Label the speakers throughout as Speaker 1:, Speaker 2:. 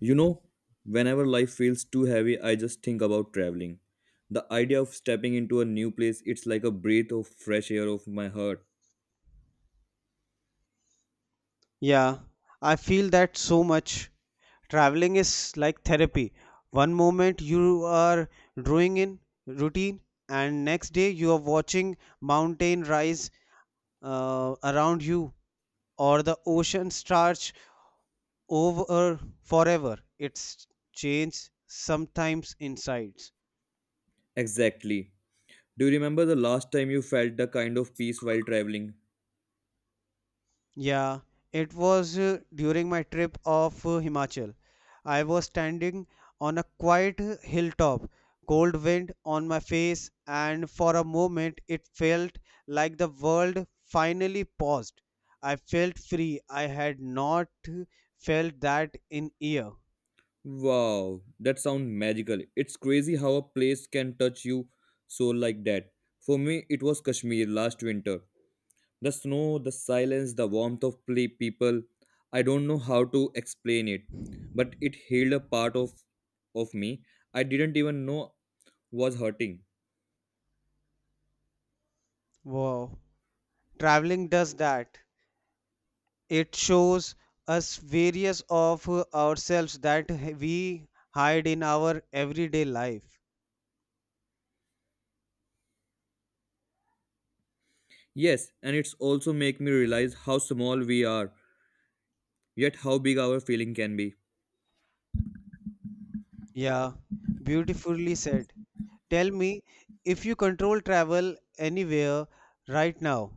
Speaker 1: You know, whenever life feels too heavy, I just think about traveling. The idea of stepping into a new place, it's like a breath of fresh air of my heart.
Speaker 2: Yeah, I feel that so much. Traveling is like therapy. One moment you are drawing in routine, and next day you are watching mountain rise around you or the ocean stretch over forever. It's change sometimes inside.
Speaker 1: Exactly. Do you remember the last time you felt the kind of peace while traveling?
Speaker 2: Yeah, it was during my trip of Himachal. I was standing on a quiet hilltop, cold wind on my face, and for a moment it felt like the world finally paused. I felt free. I had not felt that in year.
Speaker 1: Wow, that sounds magical. It's crazy how a place can touch you so like that. For me, it was Kashmir last winter. The snow, the silence, the warmth of people. I don't know how to explain it, but it healed a part of me I didn't even know was hurting.
Speaker 2: Wow. Traveling does that. It shows us various of ourselves that we hide in our everyday life.
Speaker 1: Yes, and it's also make me realize how small we are, yet how big our feeling can be.
Speaker 2: Yeah, beautifully said. Tell me if you control travel anywhere right now,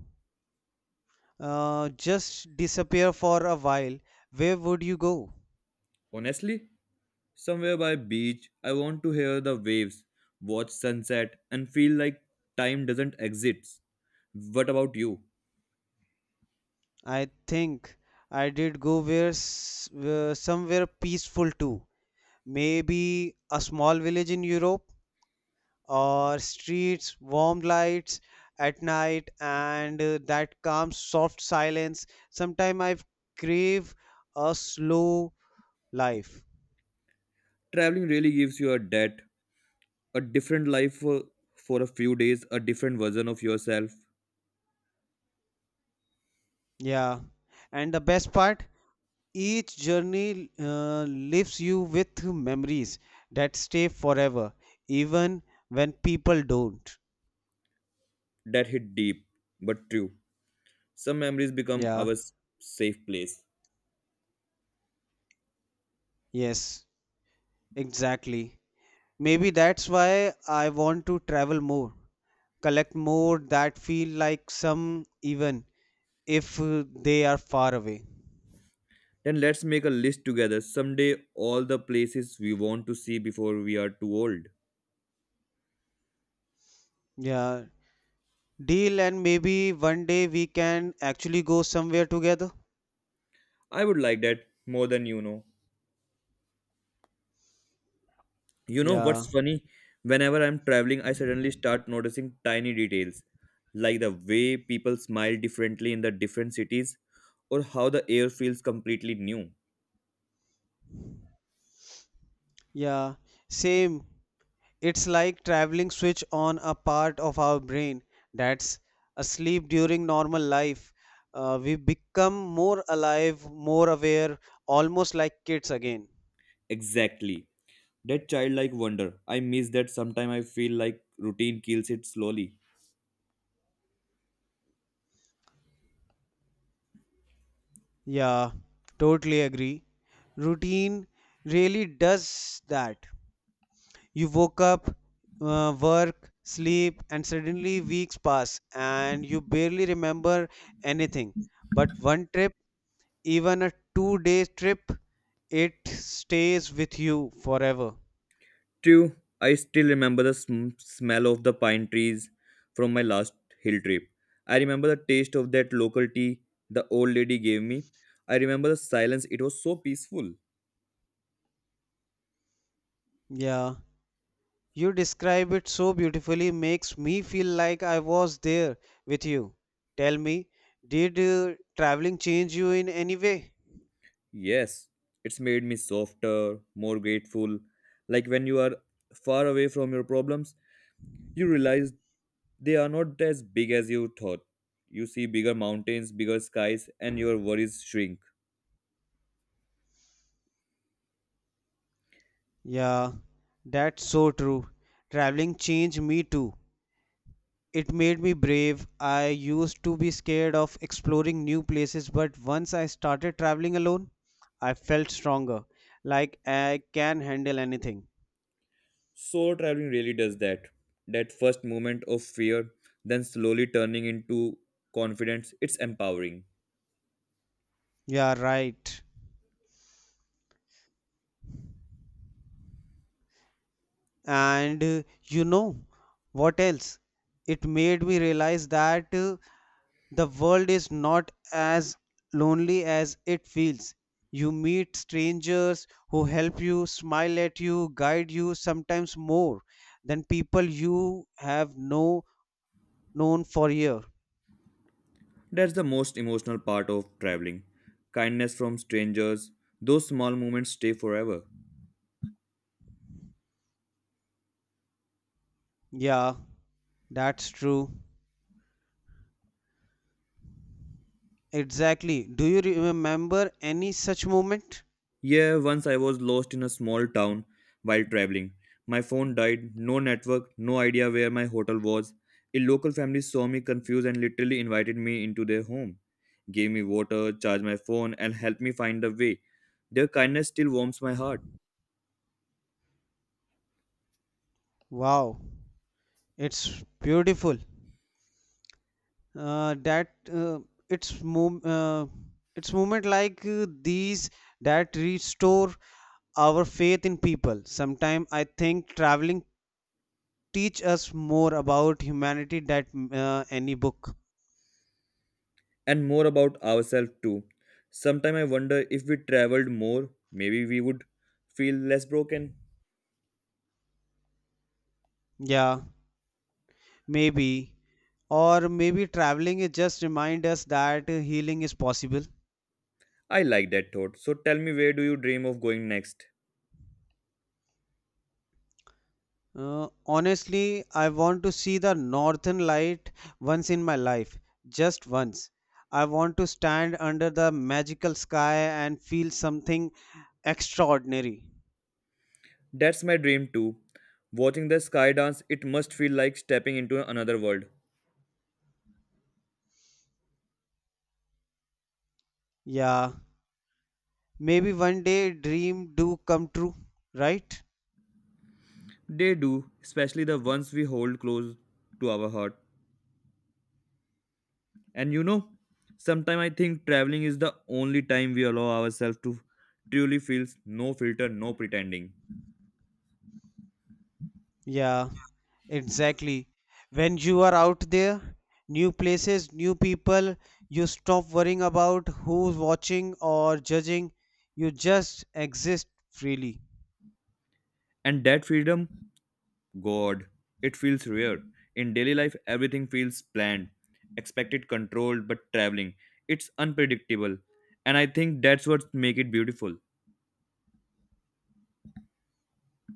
Speaker 2: just disappear for a while, where would you go?
Speaker 1: Honestly, somewhere by beach, I want to hear the waves, watch sunset, and feel like time doesn't exist. What about you?
Speaker 2: I think I did go somewhere peaceful too. Maybe a small village in Europe or streets, warm lights at night and that calm soft silence. Sometimes I crave a slow life.
Speaker 1: Traveling really gives you a debt a different life, for a few days, a different version of yourself.
Speaker 2: Yeah, and the best part, each journey leaves you with memories that stay forever, even when people don't.
Speaker 1: That hit deep, but true. Some memories become
Speaker 2: Yeah,
Speaker 1: our safe place.
Speaker 2: yes, exactly. Maybe that's why I want to travel more, collect more that feel like some even if they are far away.
Speaker 1: Then let's make a list together someday all the places we want to see before we are too old.
Speaker 2: Yeah, deal and maybe one day we can actually go somewhere together.
Speaker 1: I would like that more than you know. You know what's
Speaker 2: Yeah,
Speaker 1: funny? Whenever I'm traveling, I suddenly start noticing tiny details, like the way people smile differently in the different cities, or how the air feels completely new.
Speaker 2: yeah, same. It's like traveling switch on a part of our brain that's asleep during normal life. We become more alive, more aware, almost like kids again.
Speaker 1: Exactly. That childlike wonder. I miss that. Sometimes I feel like routine kills it slowly.
Speaker 2: Yeah, totally agree. Routine really does that. You woke up, work, sleep, and suddenly weeks pass, and you barely remember anything. But one trip even a 2-day trip, it stays with you forever.
Speaker 1: True, I still remember the smell of the pine trees from my last hill trip. I remember the taste of that local tea the old lady gave me. I remember the silence, it was so peaceful.
Speaker 2: Yeah, you describe it so beautifully, makes me feel like I was there with you. Tell me, did traveling change you in any way?
Speaker 1: Yes, it's made me softer, more grateful. Like when you are far away from your problems, you realize they are not as big as you thought. You see bigger mountains, bigger skies, and your worries shrink.
Speaker 2: Yeah, that's so true. Traveling changed me too. It made me brave. I used to be scared of exploring new places, but once I started traveling alone, I felt stronger, like I can handle anything.
Speaker 1: Solo traveling really does that. That first moment of fear, then slowly turning into confidence, it's empowering.
Speaker 2: Yeah, right. And you know what else? It made me realize that the world is not as lonely as it feels. You meet strangers who help you, smile at you, guide you, sometimes more than people you have no known for years.
Speaker 1: That's the most emotional part of traveling. Kindness from strangers, those small moments stay forever.
Speaker 2: Yeah, that's true. Exactly. Do you remember any such moment?
Speaker 1: Yeah, once I was lost in a small town while traveling. My phone died, no network, no idea where my hotel was. A local family saw me confused and literally invited me into their home, gave me water, charged my phone, and helped me find the way. Their kindness still warms my heart.
Speaker 2: Wow, it's beautiful. That it's mov- uh, it's movement like these that restore our faith in people. Sometimes I think traveling teach us more about humanity that any book.
Speaker 1: And more about ourselves too. Sometimes I wonder if we traveled more, maybe we would feel less broken.
Speaker 2: Yeah, maybe. Or maybe traveling is just remind us that healing is possible.
Speaker 1: I like that thought. So tell me, where do you dream of going next?
Speaker 2: Honestly, I want to see the northern light once in my life, just once. I want to stand under the magical sky and feel something extraordinary.
Speaker 1: That's my dream too. Watching the sky dance, it must feel like stepping into another world.
Speaker 2: Yeah, maybe one day dream do come true, right?
Speaker 1: They do, especially the ones we hold close to our heart. And you know, sometimes I think traveling is the only time we allow ourselves to truly feel, no filter, no pretending.
Speaker 2: Yeah, exactly. When you are out there, new places, new people, you stop worrying about who's watching or judging. You just exist freely.
Speaker 1: And that freedom, God, it feels rare. In daily life, everything feels planned, expected, controlled, but traveling, it's unpredictable. And I think that's what makes it beautiful.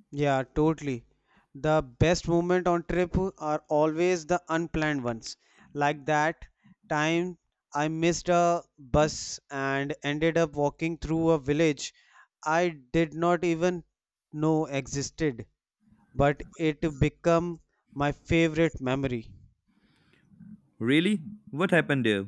Speaker 2: Yeah, totally. The best moment on trip are always the unplanned ones. Like that time I missed a bus and ended up walking through a village I did not even know existed, but it became my favorite memory.
Speaker 1: Really? What happened there?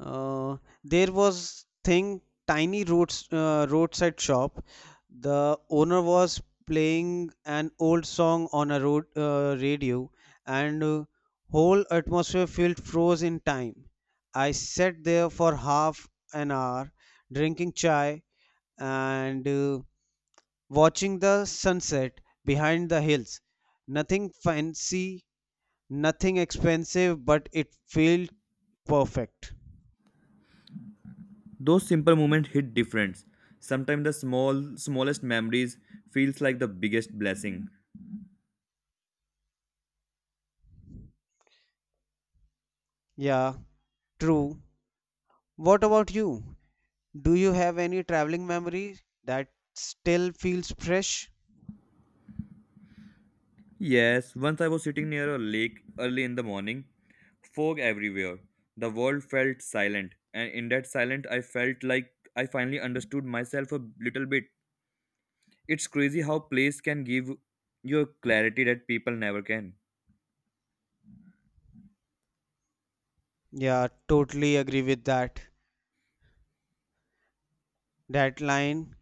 Speaker 2: Uh, there was thing tiny roads roadside shop. The owner was playing an old song on a road radio, and whole atmosphere felt froze in time. I sat there for half an hour, drinking chai and watching the sunset behind the hills. Nothing fancy, nothing expensive, but it felt perfect.
Speaker 1: Those simple moments hit different. Sometimes the small smallest memories feels like the biggest blessing.
Speaker 2: Yeah, true. What about you? Do you have any traveling memory that still feels fresh?
Speaker 1: Yes, once I was sitting near a lake early in the morning, fog everywhere. The world felt silent, and in that silence I felt like I finally understood myself a little bit. It's crazy how place can give you a clarity that people never can.
Speaker 2: Yeah, totally agree with that. That line,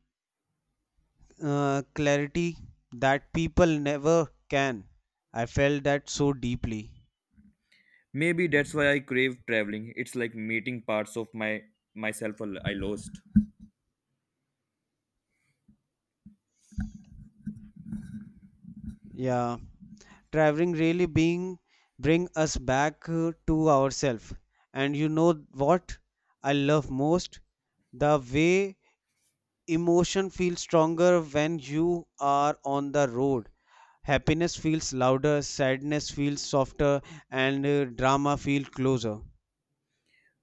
Speaker 2: clarity that people never can. I felt that so deeply.
Speaker 1: Maybe that's why I crave traveling. It's like meeting parts of my myself I lost.
Speaker 2: Yeah, traveling really being bring us back to ourselves. And you know what I love most? The way emotion feels stronger when you are on the road. Happiness feels louder, sadness feels softer, and drama feels closer.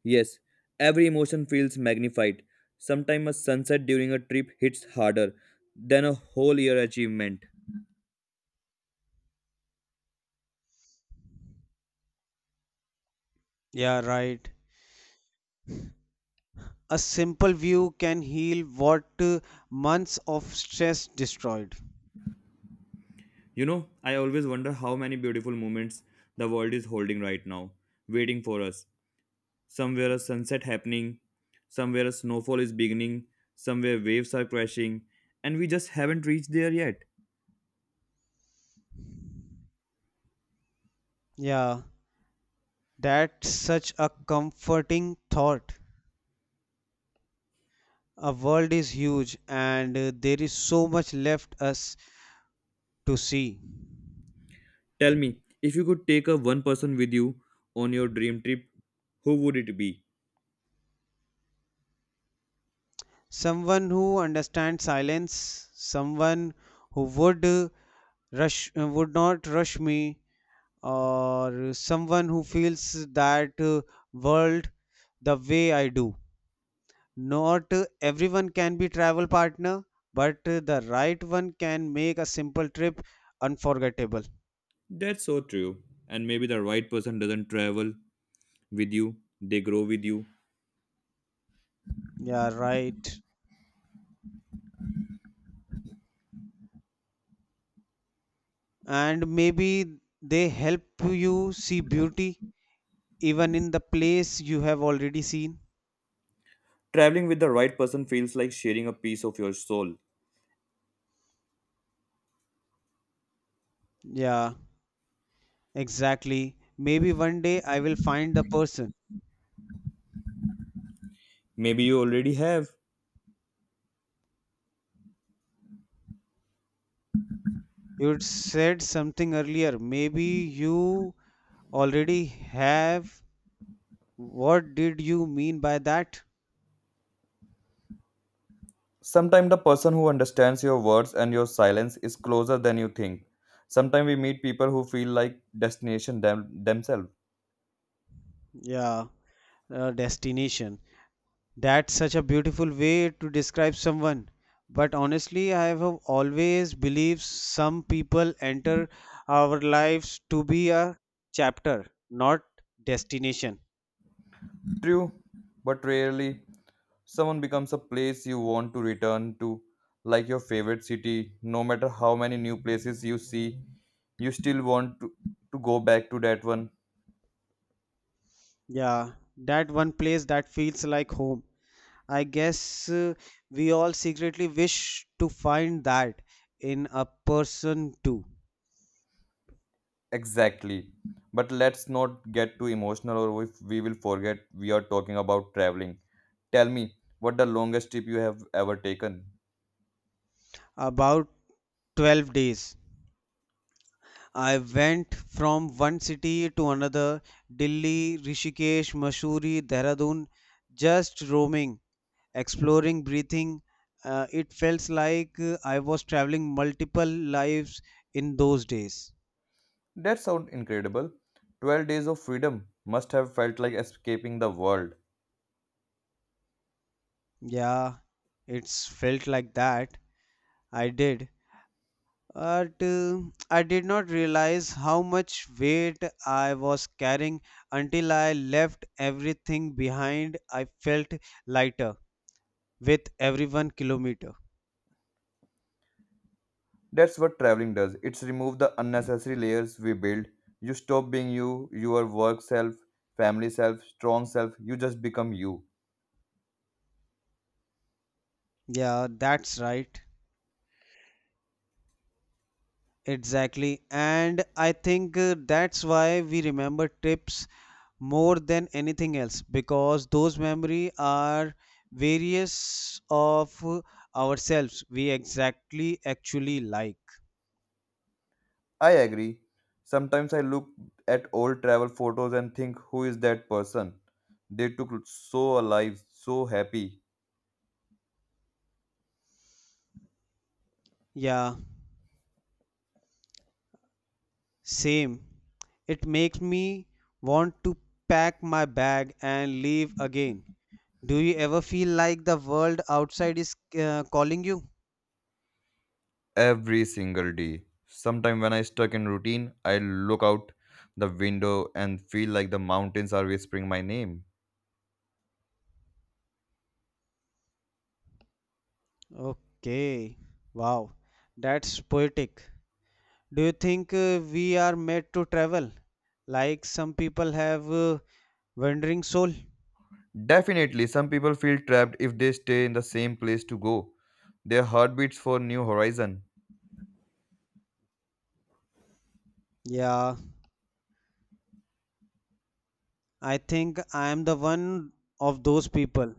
Speaker 1: Yes, every emotion feels magnified. Sometimes a sunset during a trip hits harder than a whole year achievement.
Speaker 2: Yeah, right. A simple view can heal what months of stress destroyed.
Speaker 1: You know, I always wonder how many beautiful moments the world is holding right now, waiting for us. Somewhere a sunset happening, somewhere a snowfall is beginning, somewhere waves are crashing, and we just haven't reached there yet.
Speaker 2: Yeah, that's such a comforting thought. A world is huge and there is so much left us to see.
Speaker 1: Tell me, if you could take a one person with you on your dream trip, who would it be?
Speaker 2: Someone who understands silence, someone who would not rush me, or someone who feels that world the way I do. Not everyone can be travel partner, but the right one can make a simple trip unforgettable.
Speaker 1: That's so true. And maybe the right person doesn't travel with you, they grow with you.
Speaker 2: Yeah, right. And maybe they help you see beauty even in the place you have already seen.
Speaker 1: Traveling with the right person feels like sharing a piece of your soul.
Speaker 2: Yeah, exactly. Maybe one day I will find the person.
Speaker 1: Maybe you already have.
Speaker 2: You said something earlier. Maybe you already have. What did you mean by that?
Speaker 1: Sometimes the person who understands your words and your silence is closer than you think. Sometimes we meet people who feel like themselves.
Speaker 2: Yeah, destination. That's such a beautiful way to describe someone. But honestly, I have always believed some people enter our lives to be a chapter, not destination.
Speaker 1: True, but rarely someone becomes a place you want to return to, like your favorite city. No matter how many new places you see, you still want to go back to that one.
Speaker 2: Yeah, that one place that feels like home. I guess we all secretly wish to find that in a person too.
Speaker 1: Exactly. But let's not get too emotional or if we will forget we are talking about traveling. Tell me, what the longest trip you have ever taken?
Speaker 2: About 12 days. I went from one city to another: Delhi, Rishikesh, Mussoorie, Dehradun, just roaming, exploring, breathing. It felt like I was traveling multiple lives in those days.
Speaker 1: That sounds incredible. 12 days of freedom must have felt like escaping the world.
Speaker 2: Yeah, it's felt like that. I did. But I did not realize how much weight I was carrying until I left everything behind. I felt lighter with every 1 kilometer.
Speaker 1: That's what traveling does. It's remove the unnecessary layers we build. You stop being you, your work self, family self, strong self. You just become you.
Speaker 2: Yeah, that's right. Exactly. And I think that's why we remember trips more than anything else because those memories are various of ourselves we exactly actually like.
Speaker 1: I agree. Sometimes I look at old travel photos and think, who is that person? They took so alive, so happy
Speaker 2: Yeah. Same. It makes me want to pack my bag and leave again. Do you ever feel like the world outside is calling you?
Speaker 1: every single day. Sometimes when I stuck in routine, I look out the window and feel like the mountains are whispering my name.
Speaker 2: Okay. Wow. That's poetic. Do you think we are made to travel? Like some people have wandering soul?
Speaker 1: Definitely, some people feel trapped if they stay in the same place to go. Their heart beats for new horizon,
Speaker 2: Yeah, I think I am the one of those people.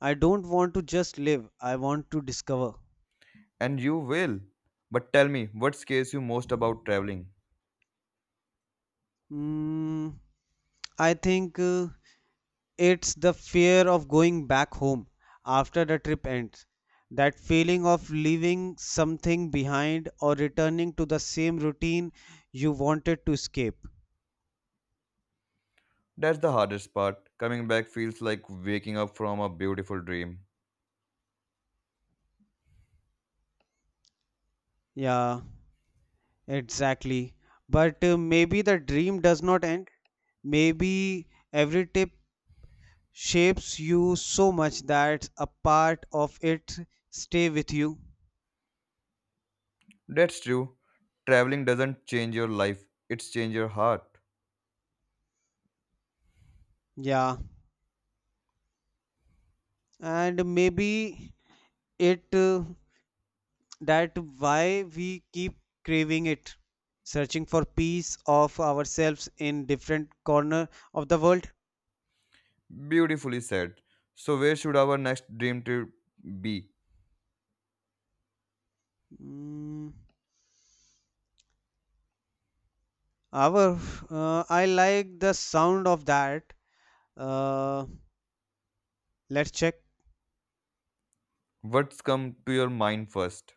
Speaker 2: I don't want to just live, I want to discover.
Speaker 1: and you will. But tell me, what scares you most about traveling?
Speaker 2: Mm, I think it's the fear of going back home after the trip ends. That feeling of leaving something behind or returning to the same routine you wanted to escape.
Speaker 1: That's the hardest part. Coming back feels like waking up from a beautiful dream.
Speaker 2: Yeah, exactly. But maybe the dream does not end. Maybe every tip shapes you so much that a part of it stay with you.
Speaker 1: That's true. Traveling doesn't change your life, it's change your heart.
Speaker 2: Yeah, and maybe it that why we keep craving it, searching for piece of ourselves in different corner of the world.
Speaker 1: Beautifully said. So where should our next dream trip be?
Speaker 2: Mm, our, I like the sound of that. Uh, let's check.
Speaker 1: What's come to your mind first?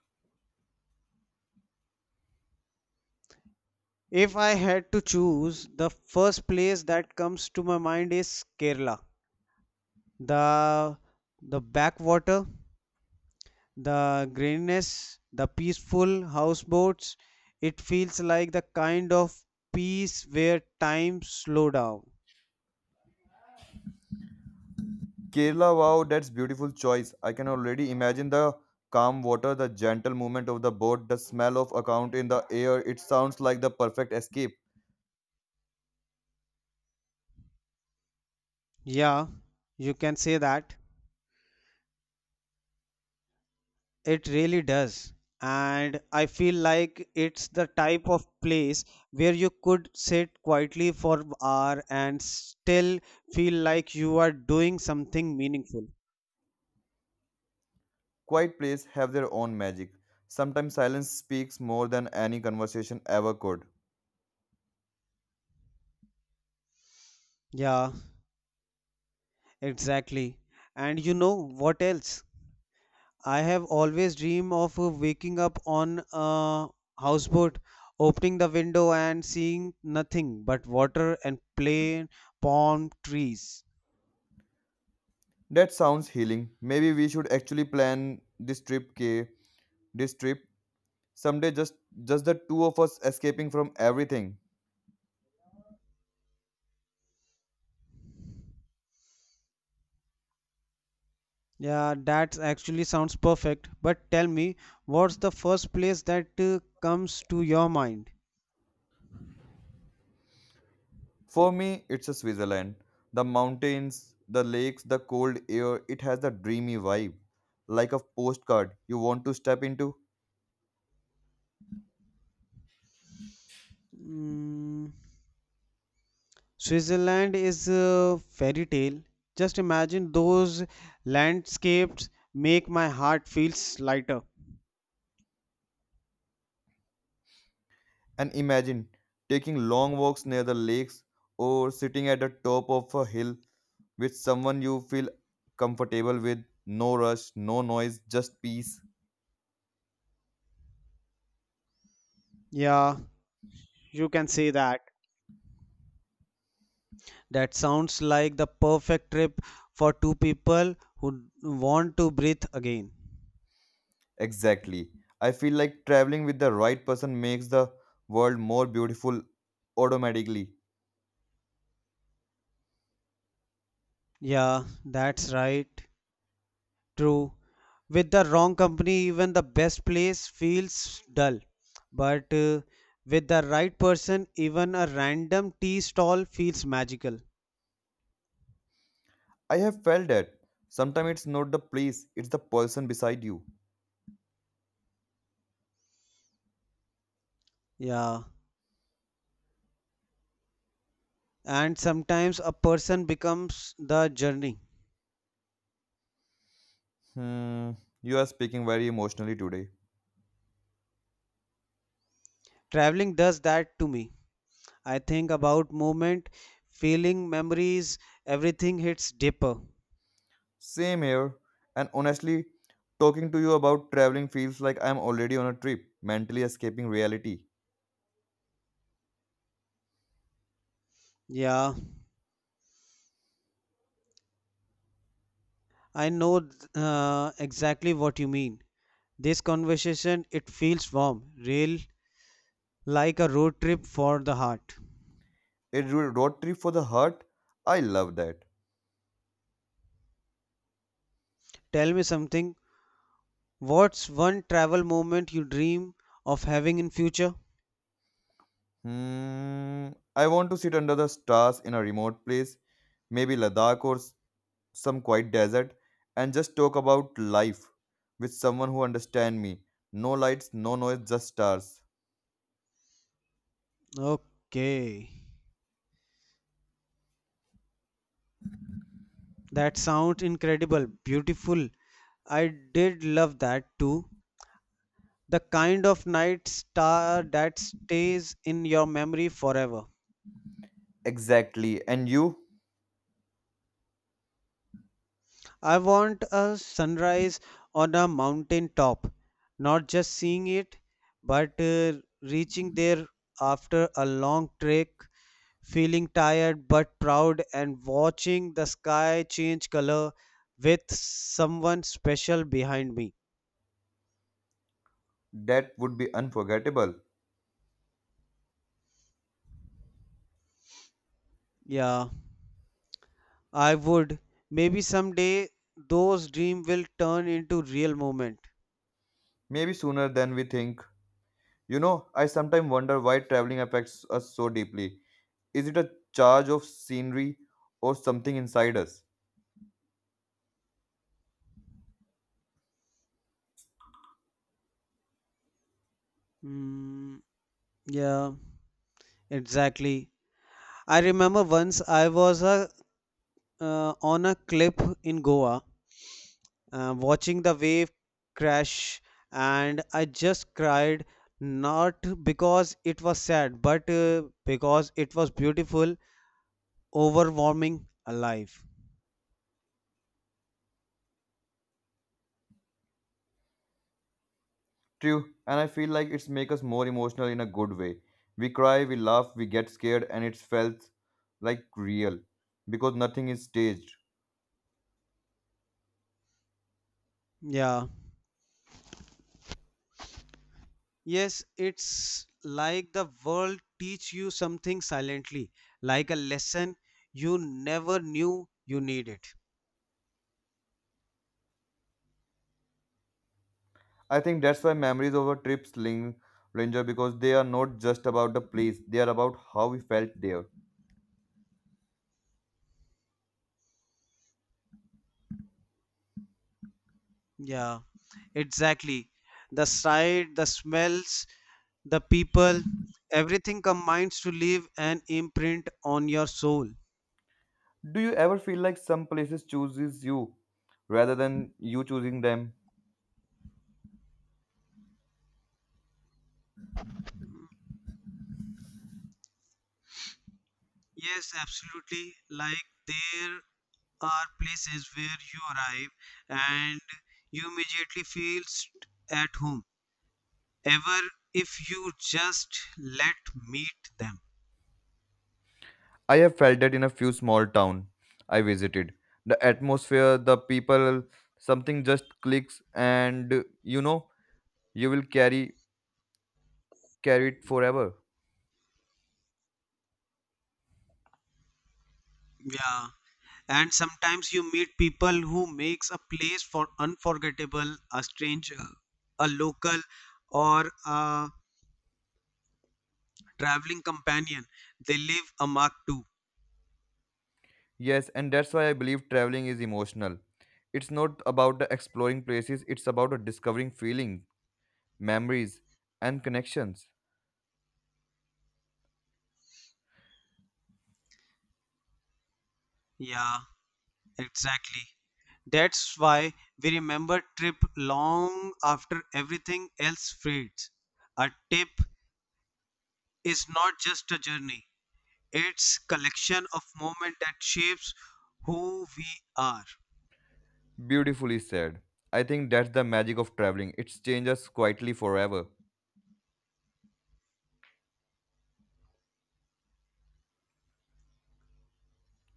Speaker 2: If I had to choose, the first place that comes to my mind is Kerala. The the backwater, the greenness, the peaceful houseboats. It feels like the kind of peace where time slow down.
Speaker 1: Kerala, wow, that's beautiful choice. I can already imagine the calm water, the gentle movement of the boat, the smell of account in the air. It sounds like the perfect escape.
Speaker 2: Yeah, you can say that. It really does. And I feel like it's the type of place where you could sit quietly for hour and still feel like you are doing something meaningful.
Speaker 1: Quiet places have their own magic. Sometimes silence speaks more than any conversation ever could.
Speaker 2: Yeah, exactly. And you know what else? I have always dreamed of waking up on a houseboat, opening the window and seeing nothing but water and plain palm trees.
Speaker 1: That sounds healing. Maybe we should actually plan this trip, K. This trip someday, just the two of us escaping from everything.
Speaker 2: Yeah, that actually sounds perfect. But tell me, what's the first place that comes to your mind?
Speaker 1: For me, it's a Switzerland. The mountains, the lakes, the cold air. It has the dreamy vibe, like a postcard you want to step into.
Speaker 2: Mm, Switzerland is a fairy tale. Just imagine those landscapes make my heart feels lighter.
Speaker 1: And imagine taking long walks near the lakes or sitting at the top of a hill with someone you feel comfortable with. No rush, no noise, just peace.
Speaker 2: Yeah, you can say that. That sounds like the perfect trip for two people who want to breathe again.
Speaker 1: Exactly. I feel like traveling with the right person makes the world more beautiful automatically.
Speaker 2: Yeah, that's right. True. With the wrong company, even the best place feels dull. But with the right person, even a random tea stall feels magical.
Speaker 1: I have felt that. Sometimes it's not the place, it's the person beside you.
Speaker 2: Yeah. And sometimes a person becomes the journey.
Speaker 1: Hmm, you are speaking very emotionally today.
Speaker 2: Traveling does that to me. I think about moment, feeling, memories, everything hits deeper.
Speaker 1: Same here. And honestly, talking to you about traveling feels like I'm already on a trip, mentally escaping reality.
Speaker 2: Yeah, I know exactly what you mean. This conversation, it feels warm, real, like a road trip for the heart.
Speaker 1: A road trip for the heart? I love that.
Speaker 2: Tell me something. What's one travel moment you dream of having in future?
Speaker 1: Hmm. I want to sit under the stars in a remote place, maybe Ladakh or some quiet desert, and just talk about life with someone who understands me. No lights, no noise, just stars.
Speaker 2: Okay. That sounds incredible, beautiful. I did love that too. The kind of night star that stays in your memory forever.
Speaker 1: Exactly. And you?
Speaker 2: I want a sunrise on a mountain top, not just seeing it, but reaching there after a long trek, feeling tired but proud, and watching the sky change color with someone special behind me.
Speaker 1: That would be unforgettable.
Speaker 2: Yeah, I would. Maybe someday those dreams will turn into real moment.
Speaker 1: Maybe sooner than we think. You know, I sometimes wonder why traveling affects us so deeply. Is it a charge of scenery or something inside us?
Speaker 2: Mm, yeah, exactly. I remember once I was a on a cliff in Goa, watching the wave crash, and I just cried not because it was sad, but because it was beautiful, overwhelming, alive.
Speaker 1: True, and I feel like it's make us more emotional in a good way. We cry, we laugh, we get scared, and it's felt like real because nothing is staged.
Speaker 2: Yeah. Yes, it's like the world teach you something silently, like a lesson you never knew you needed.
Speaker 1: I think that's why memories of our trips linger because they are not just about the place; they are about how we felt there.
Speaker 2: Yeah, exactly. The sight, the smells, the people, everything combines to leave an imprint on your soul.
Speaker 1: Do you ever feel like some places chooses you rather than you choosing them?
Speaker 2: Yes, absolutely. Like there are places where you arrive and you immediately feel at home. Ever if you just let meet them.
Speaker 1: I have felt that in a few small town I visited. The atmosphere, the people, something just clicks and you know you will carry it forever.
Speaker 2: Yeah. And sometimes you meet people who makes a place for unforgettable, a stranger, a local or a traveling companion. They leave a mark too.
Speaker 1: Yes, and that's why I believe traveling is emotional. It's not about the exploring places, it's about the discovering feeling, memories and connections.
Speaker 2: Yeah, exactly. That's why we remember trip long after everything else fades. A trip is not just a journey, it's collection of moment that shapes who we are.
Speaker 1: Beautifully said. I think that's the magic of traveling. It changes quietly forever,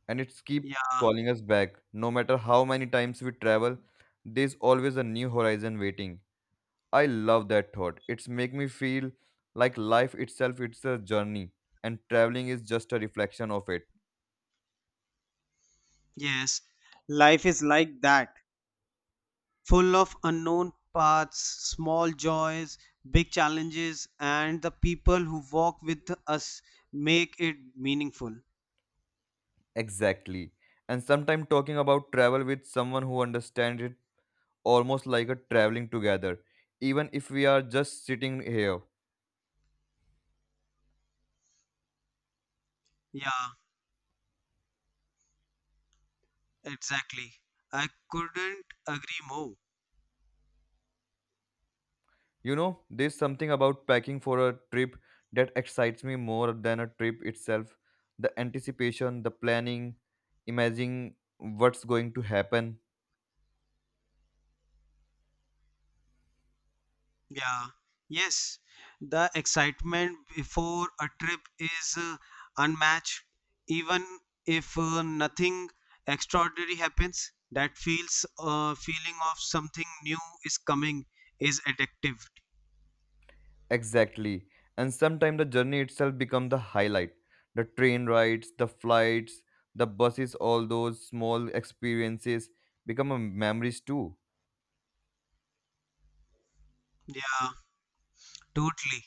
Speaker 1: and it's keep
Speaker 2: Yeah,
Speaker 1: calling us back. No matter how many times we travel, there's always a new horizon waiting. I love that thought. It's make me feel like life itself it's a journey and traveling is just a reflection of it.
Speaker 2: yes. Life is like that, full of unknown paths, small joys, big challenges, and the people who walk with us make it meaningful.
Speaker 1: Exactly. And sometimes talking about travel with someone who understands it almost like a traveling together, even if we are just sitting here.
Speaker 2: Yeah. Exactly. I couldn't agree more.
Speaker 1: You know, there's something about packing for a trip that excites me more than a trip itself. The anticipation, the planning, imagining what's going to happen.
Speaker 2: Yeah. Yes. The excitement before a trip is unmatched. Even if nothing extraordinary happens, that feels feeling of something new is coming is addictive.
Speaker 1: Exactly. And sometimes the journey itself becomes the highlight. The train rides, the flights, the buses, all those small experiences become a memories too.
Speaker 2: Yeah, totally.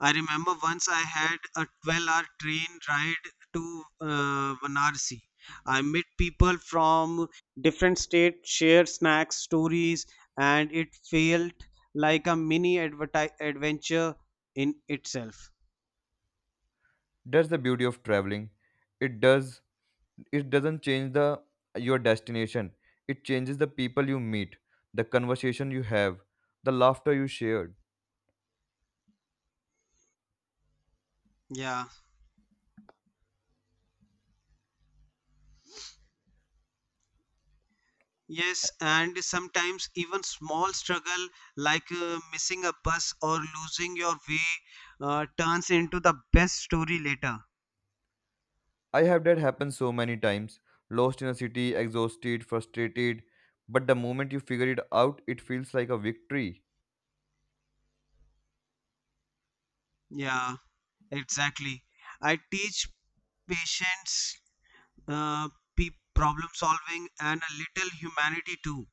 Speaker 2: I remember once I had a 12-hour train ride to Varanasi. I met people from different states, share snacks, stories, and it felt like a mini adventure in itself.
Speaker 1: That's the beauty of traveling. It does, it doesn't change the your destination, it changes the people you meet, the conversation you have, the laughter you shared.
Speaker 2: Yeah. Yes, and sometimes even small struggle like missing a bus or losing your way turns into the best story later.
Speaker 1: I have that happen so many times, lost in a city, exhausted, frustrated, but the moment you figure it out it feels like a victory.
Speaker 2: Yeah, exactly. I teach patients uh, problem solving and a little humanity too.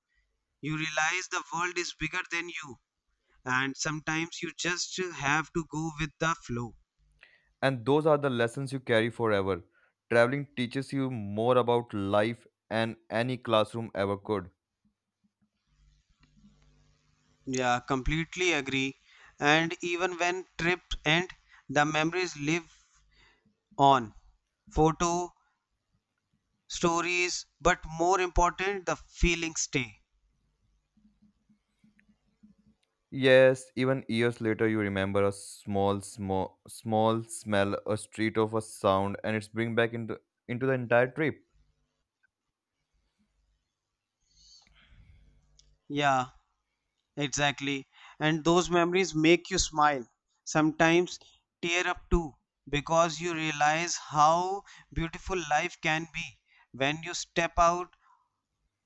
Speaker 2: You realize the world is bigger than you, and sometimes you just have to go with the flow.
Speaker 1: And those are the lessons you carry forever. Traveling teaches you more about life and any classroom ever could.
Speaker 2: Yeah, completely agree. And even when trips end, the memories live on. Photo, stories, but more important, the feelings stay.
Speaker 1: Yes, even years later, you remember a small smell, a street of a sound, and it's bring back into the entire trip.
Speaker 2: Yeah, Exactly. And those memories make you smile, sometimes tear up too, because you realize how beautiful life can be when you step out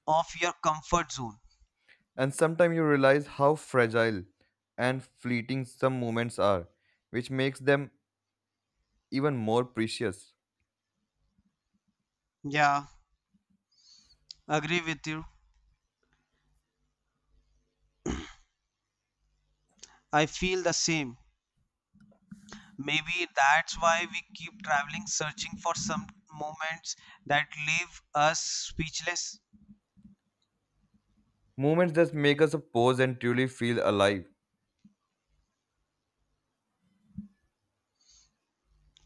Speaker 2: of your comfort zone.
Speaker 1: And sometimes you realize how fragile and fleeting some moments are, which makes them even more precious.
Speaker 2: Yeah, agree with you. I feel the same. Maybe that's why we keep traveling, searching for some moments that leave us speechless.
Speaker 1: Moments that make us pause and truly feel alive.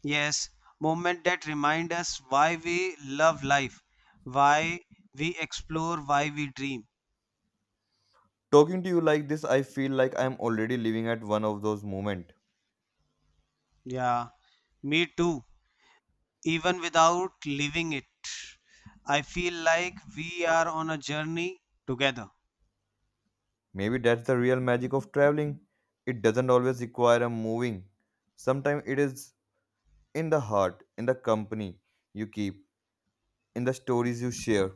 Speaker 2: Yes, moments that remind us why we love life, why we explore, why we dream.
Speaker 1: Talking to you like this, I feel like I'm already living at one of those moments.
Speaker 2: Yeah, me too. Even without living it, I feel like we are on a journey together.
Speaker 1: Maybe that's the real magic of traveling. It doesn't always require a moving. Sometimes it is in the heart, in the company you keep, in the stories you share,